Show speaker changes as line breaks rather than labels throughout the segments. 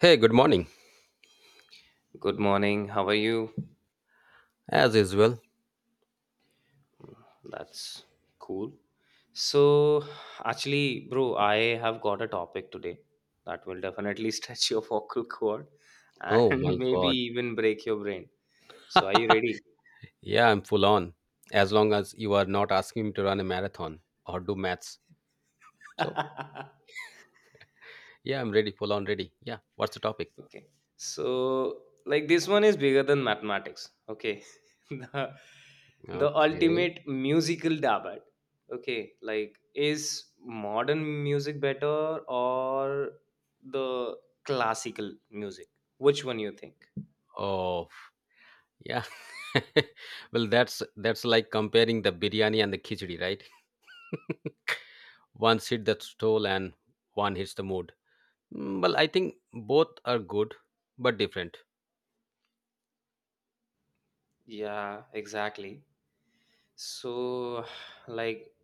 Hey, good morning.
Good morning. How are you?
As usual.
That's cool. So, actually, bro, I have got a topic today that will definitely stretch your vocal cord and
Oh my
maybe
god.
even break your brain. So, are you ready?
Yeah, I'm full on. As long as you are not asking me to run a marathon or do maths. So, yeah, I'm ready, full on ready. Yeah, what's the topic?
Okay. So, like this one is bigger than mathematics. Okay. the, the
Okay.
ultimate musical debate. Okay. Like, is modern music better or the classical music? Which one you think?
Oh, yeah. Well, that's like comparing the biryani and the khichdi, right? One hits the stole and one hits the mood. Well, I think both are good but different.
Yeah, exactly. So, like,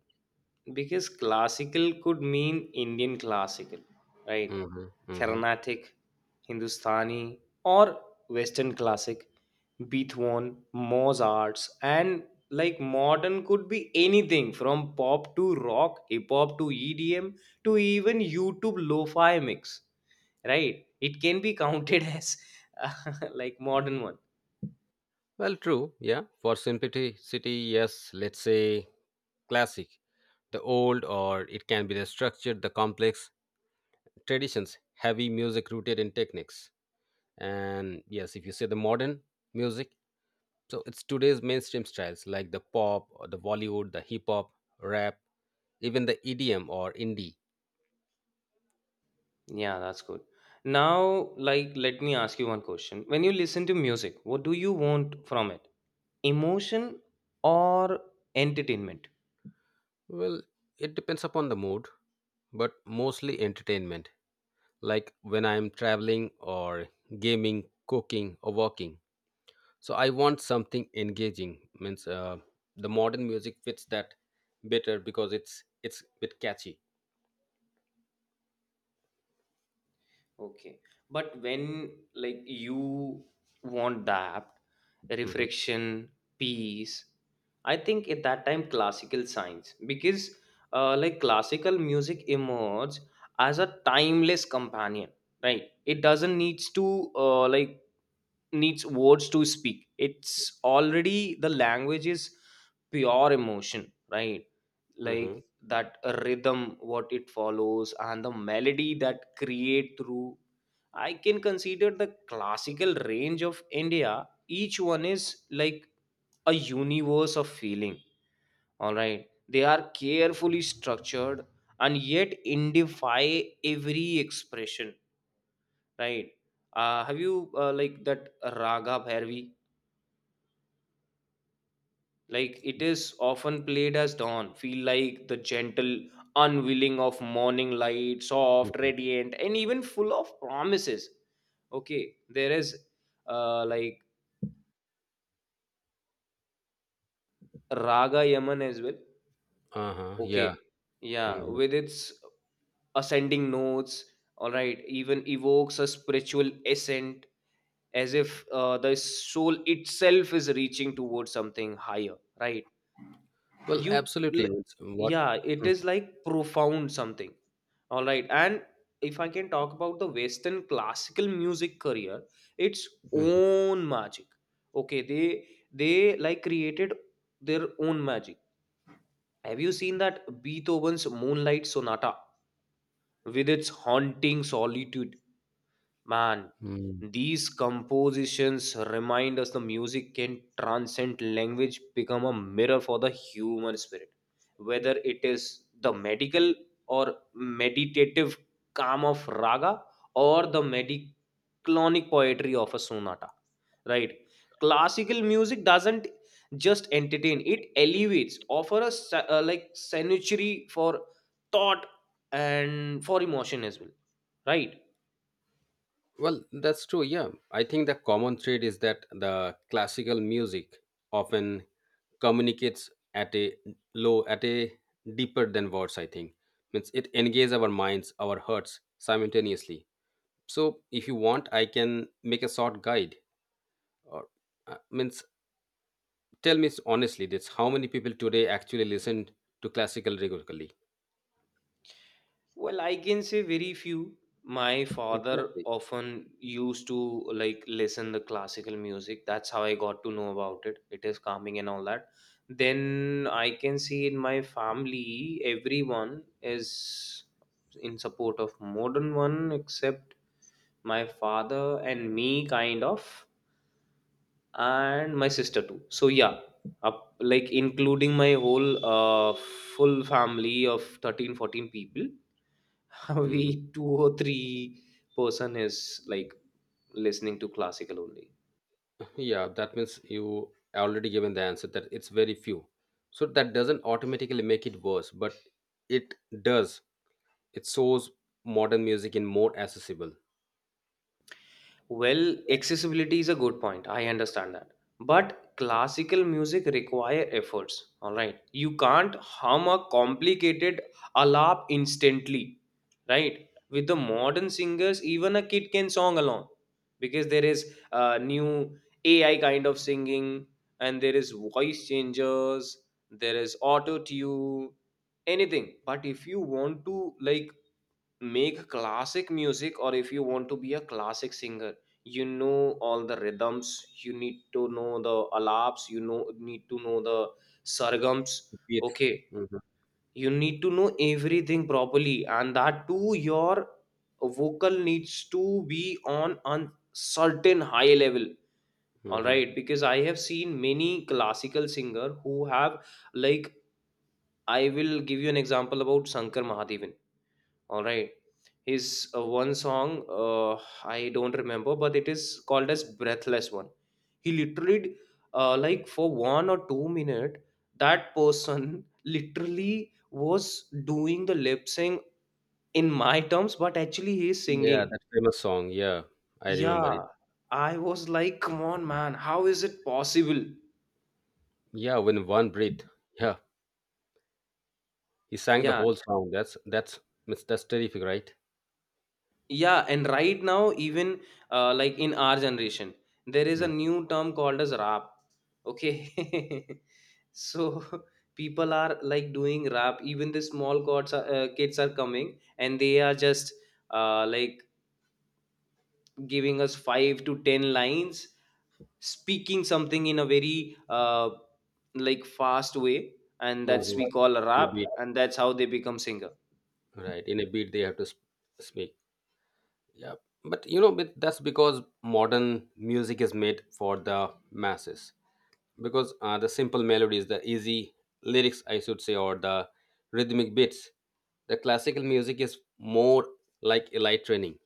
because classical could mean Indian classical, right?
Mm-hmm, mm-hmm.
Carnatic, Hindustani, or Western classic, Beethoven, Mozart's, and like modern could be anything from pop to rock, hip hop to EDM to even YouTube lo fi mix, right? It can be counted as uh, like modern one.
Well, true. Yeah. For simplicity, yes, let's say classic: the old, or it can be the structure, the complex traditions, heavy music rooted in techniques. And yes, if you say the modern music, so it's today's mainstream styles like the pop or the Bollywood, the hip hop, rap, even the EDM or indie.
Yeah, that's good. Now, like, let me ask you one question. When you listen to music, what do you want from it? Emotion or entertainment?
Well, it depends upon the mood, but mostly entertainment, like when I'm traveling or gaming, cooking, or walking. So I want something engaging. Means, the modern music fits that better because it's a bit catchy.
Okay. But when like you want that
Hmm.
reflection, peace, I think at that time classical science because like classical music emerges as a timeless companion, right? It doesn't needs to like needs words to speak. It's already the language is pure emotion, right?
Hmm.
Like that rhythm what it follows and the melody that create through, I can consider the classical range of India, each one is like a universe of feeling. All right, they are carefully structured and yet indify every expression, right? Have you like that raga bhairavi? Like it is often played as dawn, feel like the gentle unwilling of morning light, soft,
Hmm.
radiant and even full of promises. Okay, there is like raga yaman as well.
Uh-huh, yeah.
Okay, yeah,
Hmm.
with its ascending notes. All right, even evokes a spiritual ascent, as if the soul itself is reaching towards something higher, right?
Well,
you
absolutely,
l-
it's. What?
yeah, it is like profound something. All right, and if I can talk about the western classical music career, its
Mhm.
own magic. Okay, they like created their own magic. Have you seen that Beethoven's Moonlight Sonata with its haunting solitude? Man,
Mhm.
these compositions remind us the music can transcend language, become a mirror for the human spirit. Whether it is the medical or meditative calm of raga or the mediclonic poetry of a sonata, right? Classical music doesn't just entertain; it elevates, offer a like sanctuary for thought and for emotion as well, right?
Well, that's true. Yeah, I think the common thread is that the classical music often communicates at a low, at a deeper than words. I think means it engages our minds, our hearts simultaneously. So if you want, I can make a short guide, or means tell me honestly, that's how many people today actually listen to classical regularly.
Well, I can say very few. My father
Exactly.
often used to like listen the classical music. That's how I got to know about it. It is calming and all that. Then I can see in my family, everyone is in support of modern one except my father and me kind of, and my sister too. So yeah, up, like including my whole full family of 13, 14 people,
Mhm.
we two or three person is like listening to classical only.
Yeah, that means you already given the answer that it's very few. So that doesn't automatically make it worse, but it does, it shows modern music in more accessible.
Well, accessibility is a good point. I understand that. But classical music require efforts. All right. You can't hum a complicated alap instantly. Right? With the modern singers, even a kid can song along because there is new AI kind of singing, and there is voice changers, there is auto tune, anything. But if you want to like make classic music or if you want to be a classic singer, you know all the rhythms, you need to know the alaps, you know need to know the sargams.
It's.
Okay,
Mhm,
you need to know everything properly, and that too your vocal needs to be on a certain high level. All
mhm.
right, because I have seen many classical singer who have like, I will give you an example about Shankar Mahadevan. All right. His one song, I don't remember, but it is called as Breathless One. He literally, like for 1 or 2 minute, that person literally was doing the lip sync in my terms, but actually he's
Yeah,
singing.
that famous song. Yeah, I remember it.
Yeah, I was like, come on, man, how is it possible?
Yeah, when one breath. Yeah. He sang the
Yeah,
whole song. That's terrific, right?
yeah, and right now even like in our generation there is a
Mm.
new term called as rap. Okay, so people are like doing rap, even the small kids are coming and they are just like giving us 5 to 10 lines, speaking something in a very like fast way, and that's
Mhm.
we call a
In a
rap,
beat,
and that's how they become singer.
right? In a beat, they have to speak. Yeah, but you know, but that's because modern music is made for the masses. Because the simple melodies, the easy lyrics, I should say, or the rhythmic beats. The classical music is more like elite training,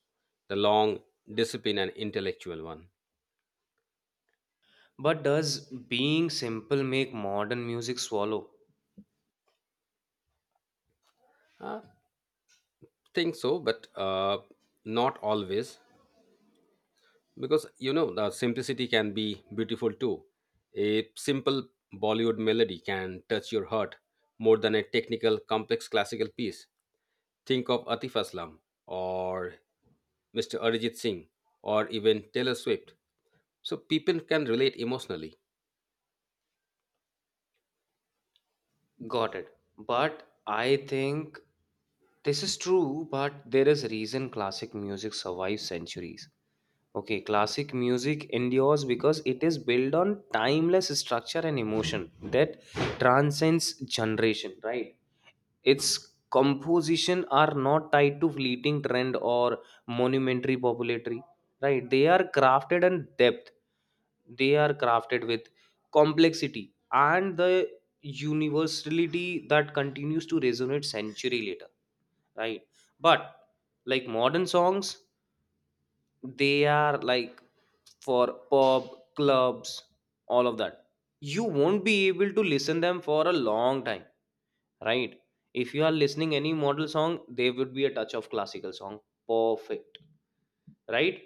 the long, discipline, and intellectual one.
But does being simple make modern music swallow?
I think so, but not always. Because you know, the simplicity can be beautiful too. A simple Bollywood melody can touch your heart more than a technical complex classical piece. Think of Atif Aslam, or Mr. Arijit Singh, or even Taylor Swift. So people can relate emotionally.
Got it. But I think this is true, but there is a reason classic music survives centuries. Okay, classic music endures because it is built on timeless structure and emotion that transcends generation, right? Its composition are not tied to fleeting trend or monumentary popularity, right? They are crafted with complexity and the universality that continues to resonate century later, right? But like modern songs, they are like for pub, clubs, all of that. You won't be able to listen them for a long time, right? If you are listening any model song, there would be a touch of classical song, perfect, right?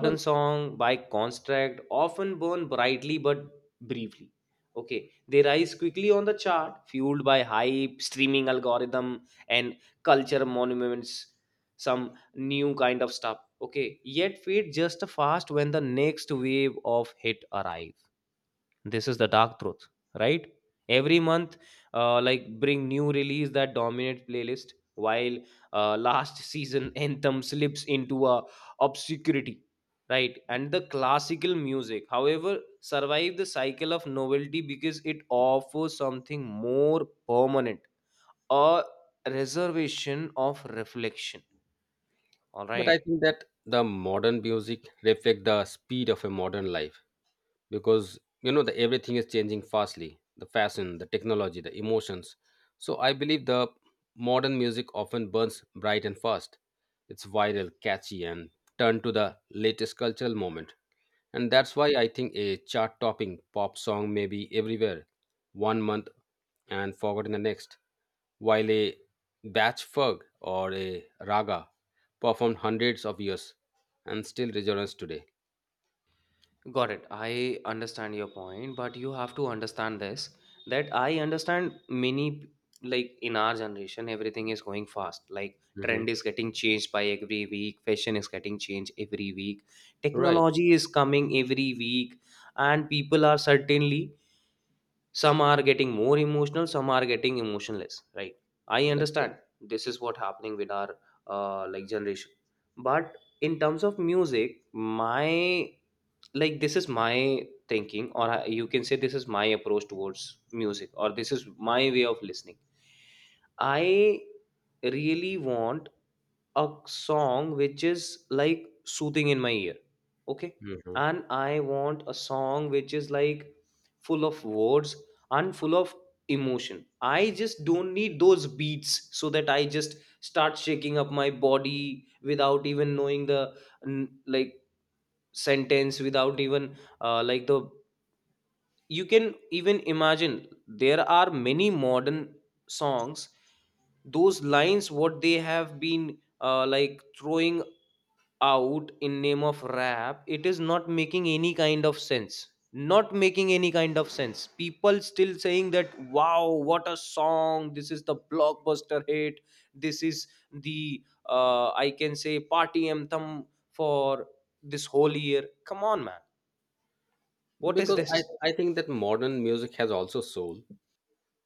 Well,
song by contract often burn brightly but briefly. Okay, they rise quickly on the chart, fueled by hype, streaming algorithm, and culture monuments, some new kind of stuff. Okay, yet fade just fast when the next wave of hit arrives. This is the dark truth, right? Every month like bring new release that dominate playlist while last season anthem slips into a obscurity, right? And the classical music however survive the cycle of novelty because it offers something more permanent, a reservation of reflection, all
but I
right.
think that the modern music reflect the speed of a modern life, because you know, the everything is changing fastly, the fashion, the technology, the emotions. So I believe the modern music often burns bright and fast. It's viral, catchy, and turned to the latest cultural moment. And that's why I think a chart topping pop song may be everywhere one month and forgotten the next, while a batch fug or a raga performed hundreds of years and still resonates today.
Got it. I understand your point, but you have to understand this, that I understand many like in our generation everything is going fast. Like
Hmm.
trend is getting changed by every week, fashion is getting changed every week,
Right.
technology is coming every week, and people are certainly some are getting more emotional, some are getting emotionless, right? I
That's right.
understand this is what happening with our like generation. But in terms of music, my like this is my thinking, or you can say this is my approach towards music, or this is my way of listening. I really want a song which is like soothing in my ear, okay,
Mhm.
and I want a song which is like full of words and full of emotion. I just don't need those beats so that I just start shaking up my body without even knowing the like sentence, without even like the, you can even imagine there are many modern songs, those lines what they have been like throwing out in name of rap, it is not making any kind of sense, not making any kind of sense. People still saying that, wow, what a song, this is the blockbuster hit, this is the I can say party anthem for this whole year. Come on, man, what is
Because I,
this?
I think that modern music has also soul,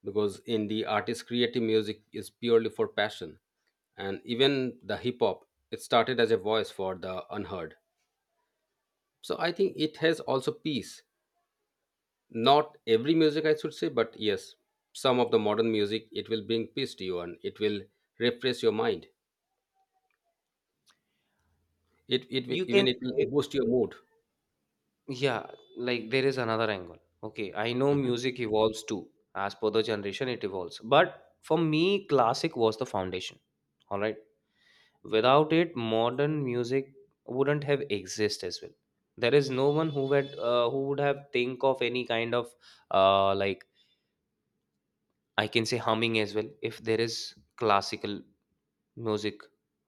because in the artist creative music is purely for passion. And even the hip hop, it started as a voice for the unheard. So I think it has also peace. Not every music, I should say, but yes, some of the modern music, it will bring peace to you and it will refresh your mind.
You can
Even it will
say-
boost your mood.
yeah, like there is another angle. Okay, I know
Mhm.
music evolves too, as per the generation it evolves, but for me classic was the foundation, all right, without it modern music wouldn't have exist as well. There is no one who would who would have think of any kind of like, I can say humming as well if there is classical music.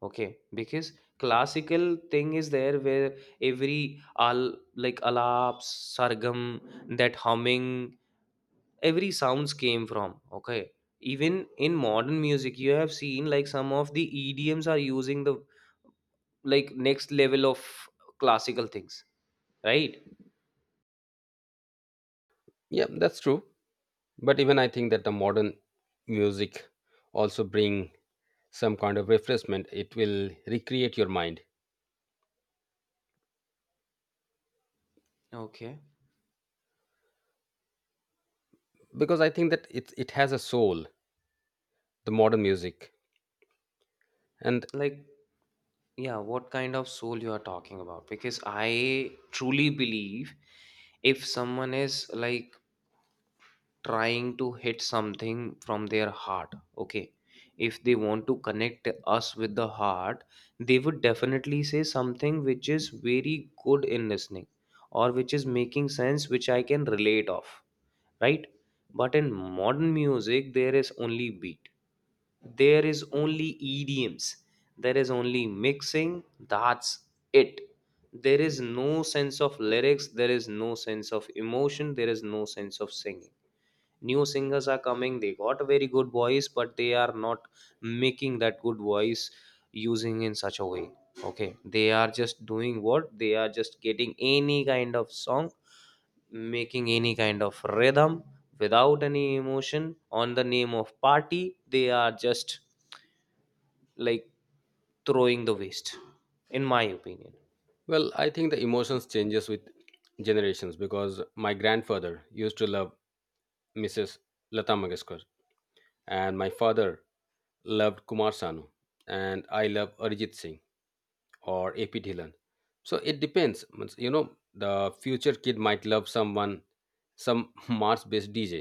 Okay, because classical thing is there where every al like alap, sargam, that humming, every sounds came from. Okay, even in modern music you have seen like some of the EDMs are using the like next level of classical things, right?
Yeah, that's true. But even I think that the modern music also bring some kind of refreshment. It will recreate your mind.
Okay,
Because I think that it has a soul, the modern music. And
like, yeah, what kind of soul you are talking about? Because I truly believe if someone is like trying to hit something from their heart, okay, if they want to connect us with the heart, they would definitely say something which is very good in listening, or which is making sense, which I can relate of, right? But in modern music there is only beat, there is only idioms, there is only mixing, that's it. There is no sense of lyrics, there is no sense of emotion, there is no sense of singing. New singers are coming, they got a very good voice, but they are not making that good voice using in such a way. Okay, they are just doing what, they are just getting any kind of song, making any kind of rhythm without any emotion, on the name of party they are just like throwing the waste, in my opinion.
well, I think the emotions changes with generations, because my grandfather used to love Mrs. Lata Mangeshkar, and my father loved Kumar Sanu, and I love Arijit Singh or AP Dhilan. So it depends. Means, you know, the future kid might love someone, some Mars based DJ.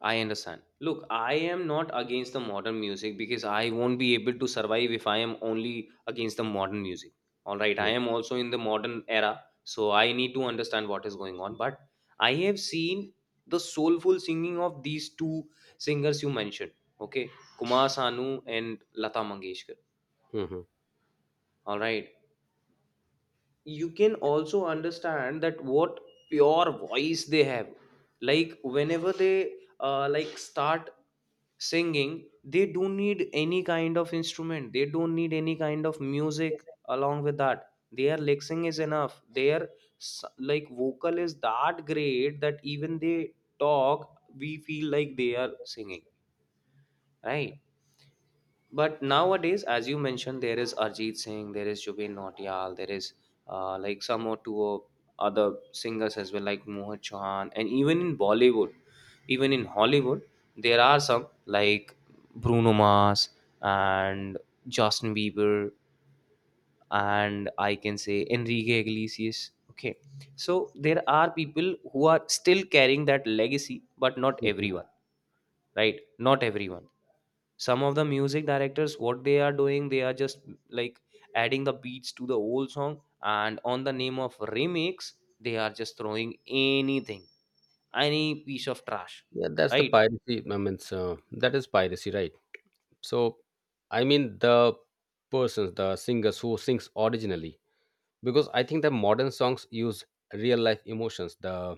I understand. Look, I am not against the modern music because I won't be able to survive if I am only against the modern music. All right, I am also in the modern era, so I need to understand what is going on. But I have seen the soulful singing of these two singers you mentioned, okay, Kumar Sanu and Lata Mangeshkar.
Mhm.
All right, you can also understand that what pure voice they have, like whenever they like start singing, they don't need any kind of instrument, they don't need any kind of music along with that. Their lexing is enough. Their like vocal is that great that even they talk, we feel like they are singing, right? But nowadays, as you mentioned, there is Arjit Singh, there is Jubin Nautiyal, there is like some or two of other singers as well, like Mohit Chauhan, and even in Bollywood, even in Hollywood, there are some like Bruno Mars and Justin Bieber, and I can say Enrique Iglesias. Okay, so there are people who are still carrying that legacy, but not everyone, right? Not everyone. Some of the music directors, what they are doing, they are just like adding the beats to the old song, and on the name of remix they are just throwing anything, any piece of trash.
Yeah, that's the
Right.
piracy. I mean, so that is piracy, right? So, I mean, the persons, the singers who sings originally, because I think the modern songs use real life emotions, the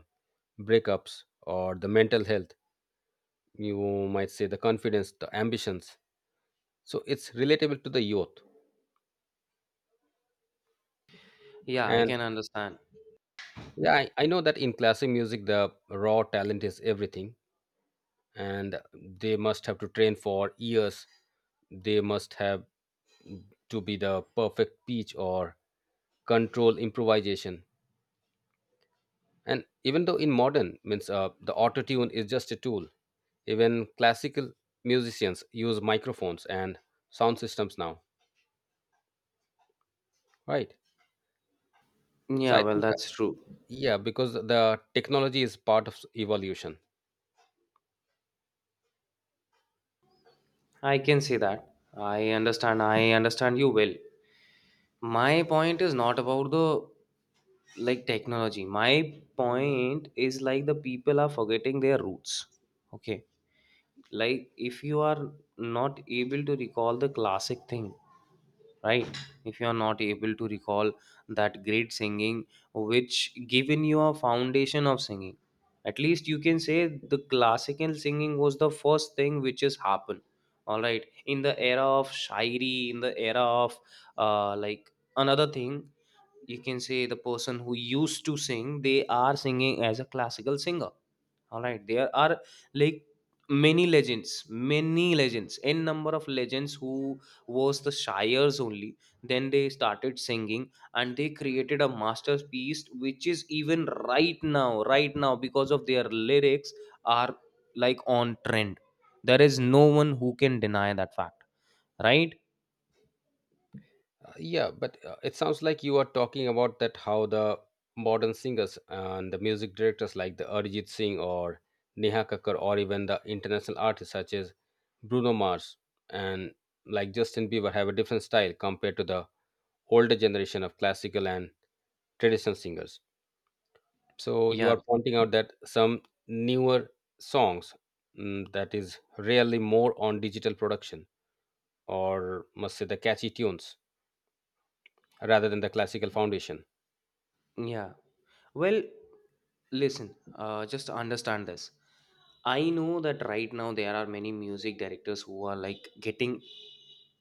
breakups or the mental health. You might say the confidence, the ambitions. So it's relatable to the youth.
Yeah, I
And
can understand.
yeah, I know that in classic music, the raw talent is everything, and they must have to train for years. They must have to be the perfect pitch or control improvisation. And even though in modern, means the auto tune is just a tool. Even classical musicians use microphones and sound systems now, right? So
Yeah,
I
well,
think that,
that's true.
yeah, because the technology is part of evolution.
I can say that I understand, I understand you well. My point is not about the like technology. My point is like the people are forgetting their roots. Okay, like if you are not able to recall the classic thing, right? If you are not able to recall that great singing which given you a foundation of singing, at least you can say the classical singing was the first thing which has happened. All right, in the era of shairi, in the era of like another thing, you can say the person who used to sing, they are singing as a classical singer. All right, there are like many legends, many legends, n number of legends who was the shires only, then they started singing, and they created a masterpiece which is even right now, right now, because of their lyrics are like on trend. There is no one who can deny that fact, right?
Yeah, but it sounds like you are talking about that how the modern singers and the music directors like the Arijit Singh or Neha Kakkar or even the international artists such as Bruno Mars and like Justin Bieber have a different style compared to the older generation of classical and traditional singers. So you
Yeah.
are pointing out that some newer songs, that is really more on digital production, or must say the catchy tunes rather than the classical foundation.
Yeah. Well, listen, just understand this. I know that right now there are many music directors who are like getting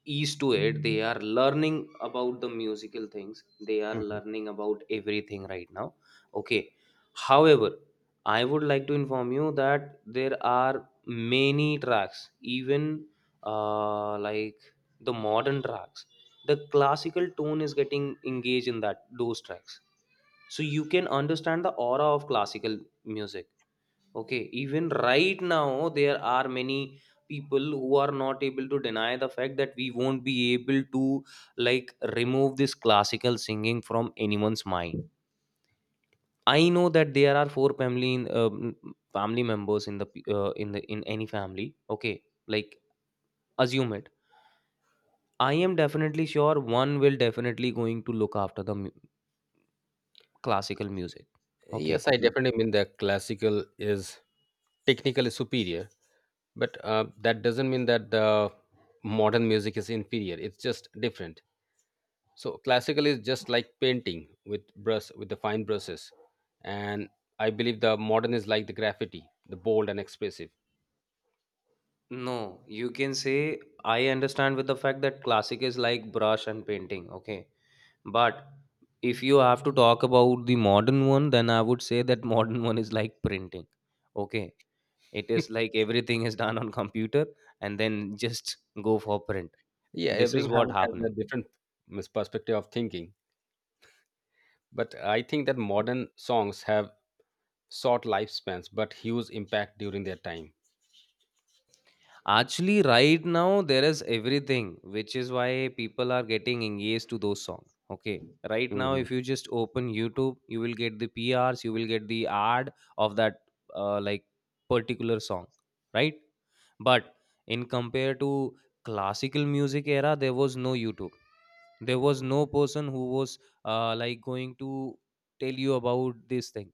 used to it. They are learning about the musical things. They are
Mhm.
learning about everything right now. Okay. However, I would like to inform you that there are many tracks, even like the modern tracks. The classical tone is getting engaged in that those tracks, so you can understand the aura of classical music. Okay, even right now there are many people who are not able to deny the fact that we won't be able to like remove this classical singing from anyone's mind. I know that there are four family in, family members in in the in any family, okay, like assume it. I am definitely sure one will definitely going to look after classical music.
Yes,
Okay.
I definitely mean that classical is technically superior, but that doesn't mean that the modern music is inferior. It's just different. So classical is just like painting with brush with the fine brushes, and I believe the modern is like the graffiti, the bold and expressive.
No, you can say I understand with the fact that classic is like brush and painting, okay? But if you have to talk about the modern one, then I would say that modern one is like printing, okay? It is like everything is done on computer and then just go for print.
Yeah,
This is what
everyone has a
happening.
different perspective of thinking, but I think that modern songs have short lifespans but huge impact during their time.
Actually, right now there is everything, which is why people are getting engaged to those songs. Okay, right now
Mhm.
if you just open YouTube, you will get the PRs, you will get the ad of that like particular song, right? But in compare to classical music era, there was no YouTube. There was no person who was like going to tell you about this thing.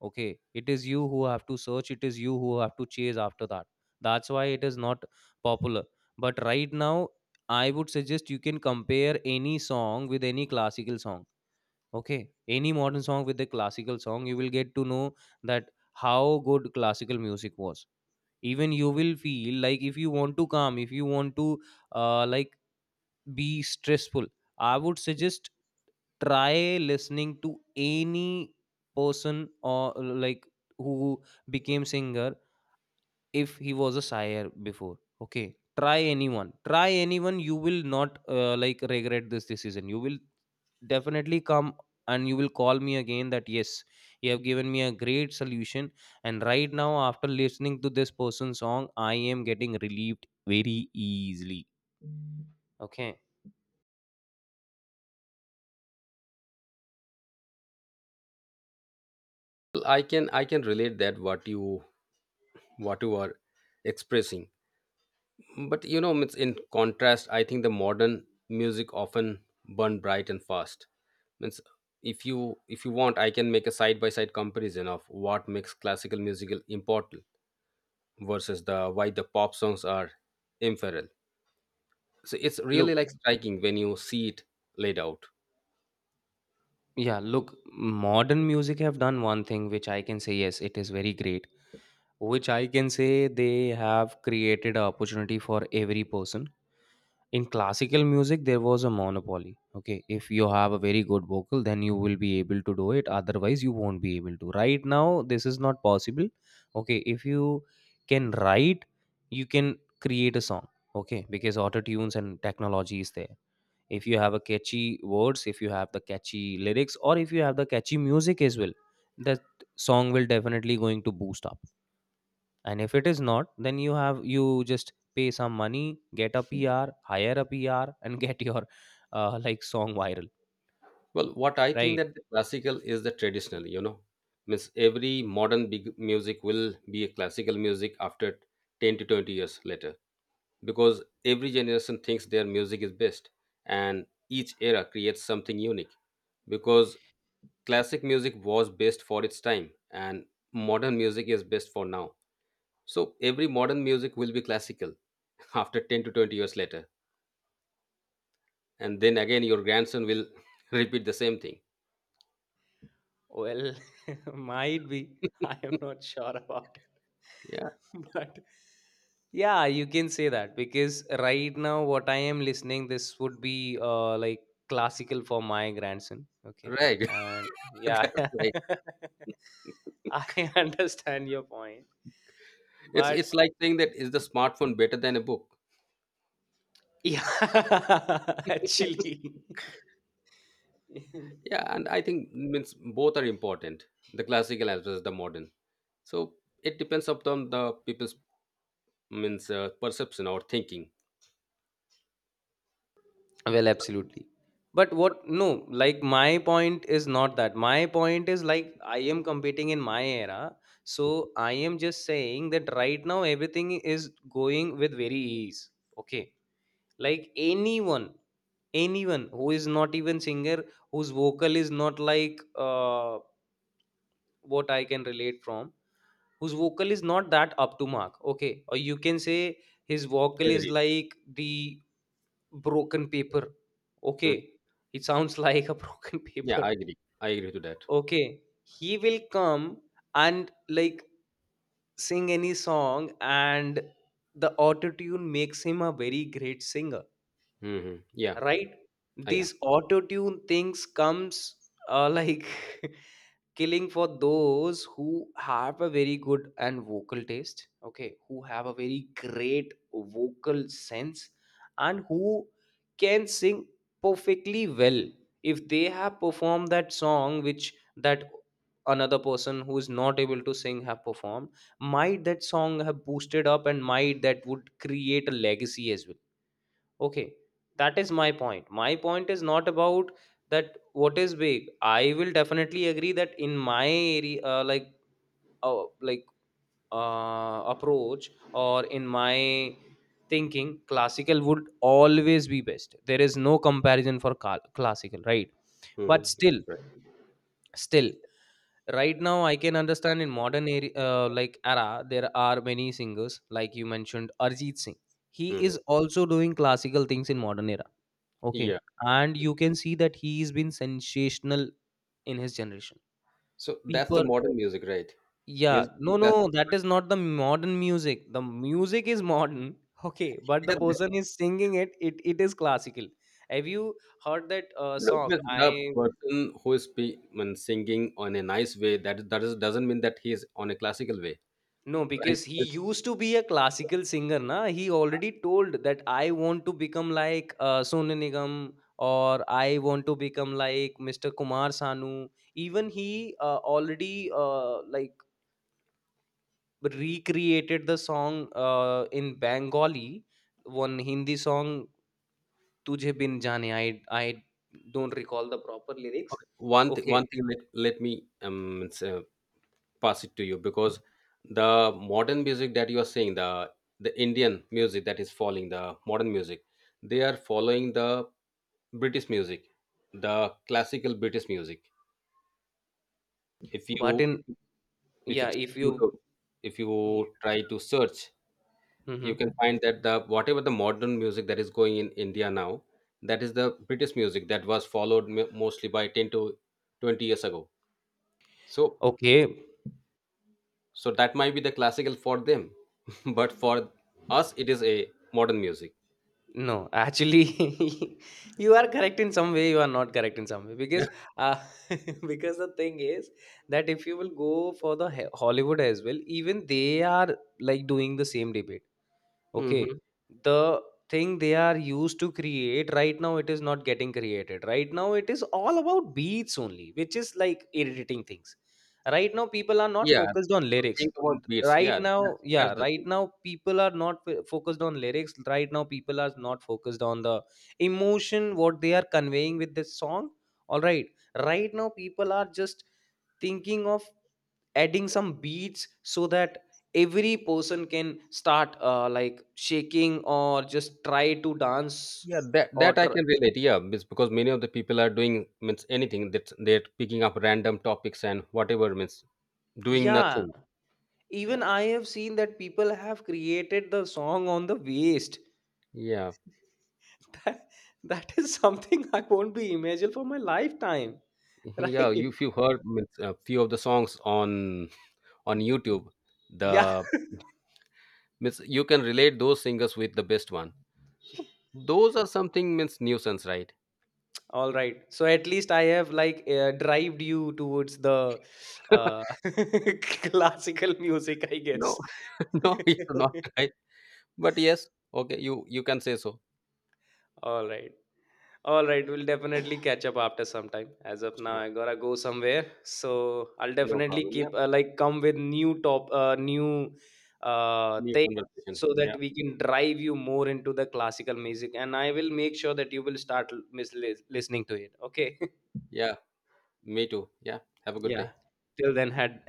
Okay, it is you who have to search, it is you who have to chase after that. That's why it is not popular. But right now, I would suggest you can compare any song with any classical song. Okay, any modern song with a classical song, you will get to know that how good classical music was. Even you will feel like if you want to calm, if you want to like be stressful, I would suggest try listening to any person or like who became singer if he was a sire before. Okay, try anyone, try anyone, you will not like regret this decision. You will definitely come and you will call me again that yes, you have given me a great solution, and right now after listening to this person's song I am getting relieved very easily. Okay.
I can relate that what you are expressing. But you know, it's in contrast, I think the modern music often burn bright and fast. Means if you want, I can make a side by side comparison of what makes classical musical important versus the why the pop songs are ephemeral. So it's really
Look.
like striking when you see it laid out.
Yeah, look, modern music have done one thing which I can say yes, it is very great. Which I can say they have created an opportunity for every person. In classical music, there was a monopoly. Okay, if you have a very good vocal, then you will be able to do it. Otherwise, you won't be able to. Right now, this is not possible. Okay, if you can write, you can create a song. Okay, because auto tunes and technology is there. If you have a catchy words, if you have the catchy lyrics, or if you have the catchy music as well, that song will definitely going to boost up. And if it is not, then you have, you just pay some money, get a PR, hire a PR, and get your like song viral.
Well, what I think
Right.
that the classical is the traditional, you know, means every modern big music will be a classical music after 10 to 20 years later, because every generation thinks their music is best and each era creates something unique. Because classic music was best for its time, and modern music is best for now. So every modern music will be classical after 10 to 20 years later. And then again your grandson will repeat the same thing.
Well, might be. I am not sure about it. But yeah, you can say that because right now, what I am listening, this would be like classical for my grandson.
Yeah,
Okay.
right.
And yeah,
That's right.
I understand your point.
It's
But
like saying that is the smartphone better than a book?
yeah, actually.
Yeah, and I think means both are important, the classical as well as the modern. So it depends upon the people's means, perception or thinking.
Well, absolutely. But what, no, like my point is not that. My point is like I am competing in my era. So I am just saying that right now everything is going with very ease. Okay. Like anyone, anyone who is not even singer, whose vocal is not like what I can relate from, whose vocal is not that up to mark. Okay. Or you can say his vocal is
Agreed.
like the broken paper.
Mm.
Okay, it sounds like a broken
Yeah,
paper.
I agree. I agree to that.
Okay, he will come and like sing any song, and the auto tune makes him a very great singer.
Hmm. Yeah.
Right.
Ah, yeah.
These auto tune things comes like killing for those who have a very good and vocal taste. Okay, who have a very great vocal sense and who can sing perfectly well. If they have performed that song which that another person who is not able to sing have performed, might that song have boosted up and might that would create a legacy as well. Okay, that is my point. My point is not about that what is big. I will definitely agree that in my area, uh, like approach, or in my thinking, classical would always be best. There is no comparison for classical, right? But
Hmm.
still,
Right.
still, right now I can understand in modern area, like era, there are many singers like you mentioned, Arjit Singh. He is
Hmm.
also doing classical things in modern era. Okay.
Yeah.
And you can see that he's been sensational in his generation.
So that's the
People,
modern music, right?
yeah,
Here's the
no,
classic.
no, that is not the modern music. The music is modern, okay, but
Yeah,
the
the,
person is singing it, it is classical. Have you heard that
look,
song?
with the
I—
person when singing on a nice way, that that is, doesn't mean that he is on a classical way.
no,
Right?
because he
It's.
used to be a classical singer, na. He already told that I want to become like Sonu Nigam, or I want to become like Mr. Kumar Sanu. Even he already like recreated the song in Bengali, one Hindi song, Tujhe Bin Jaane. I don't recall the proper lyrics.
Okay, one thing,
Okay,
one thing. Let me say, pass it to you, because the modern music that you are saying, the Indian music that is following the modern music, they are following the British music, the classical British music. if
but
you
in,
if you
yeah,
check
if
YouTube,
you,
if you try to search, you
hmm,
can find that the whatever the modern music that is going in India now, that is the British music that was followed mostly by 10 to 20 years ago. So,
okay,
so that might be the classical for them, but for us, it is a modern music.
no, actually, you are correct in some way, you are not correct in some way
Yeah.
because, uh, because the thing is that if you will go for Hollywood as well, even they are like doing the same debate. Okay,
Hmm.
the thing they are used to create right now, it is not getting created. Right now it is all about beats only, which is like irritating things. Right now people are not
Yeah.
focused on
So
lyrics.
think about
L—
beats.
right
Yeah,
now,
that's
yeah,
the
right
thing.
now people are not focused on lyrics. Right now people are not focused on the emotion what they are conveying with this song. All right. Right now people are just thinking of adding some beats so that every person can start like shaking or just try to dance
Yeah, that
or
that I
tr-
can relate. Yeah, it's because many of the people are doing means anything, that they're picking up random topics and whatever means doing
yeah,
nothing. Yeah,
even I have seen that people have created the song on the waist.
yeah,
That, that is something I won't be imagined for my lifetime.
yeah. You,
Right.
if you heard means a few of the songs on YouTube,
Yeah.
the means you can relate those singers with the best one. So those are something means nuisance, right?
All right, so at least I have like drived you towards the uh, classical music, I
No,
guess.
no, it's not right. But yes, okay, you can say so.
All right. All right, we'll definitely catch up after some time. As of now,
Sure,
I gotta go somewhere, so I'll
no
definitely
problem. Yeah,
keep like come with new top, new
new
things,
conversation.
so
Yeah,
that we can drive you more into the classical music. And I will make sure that you will start listening to it. Okay,
yeah, me too. Yeah, have a good
yeah.
day.
Till then, had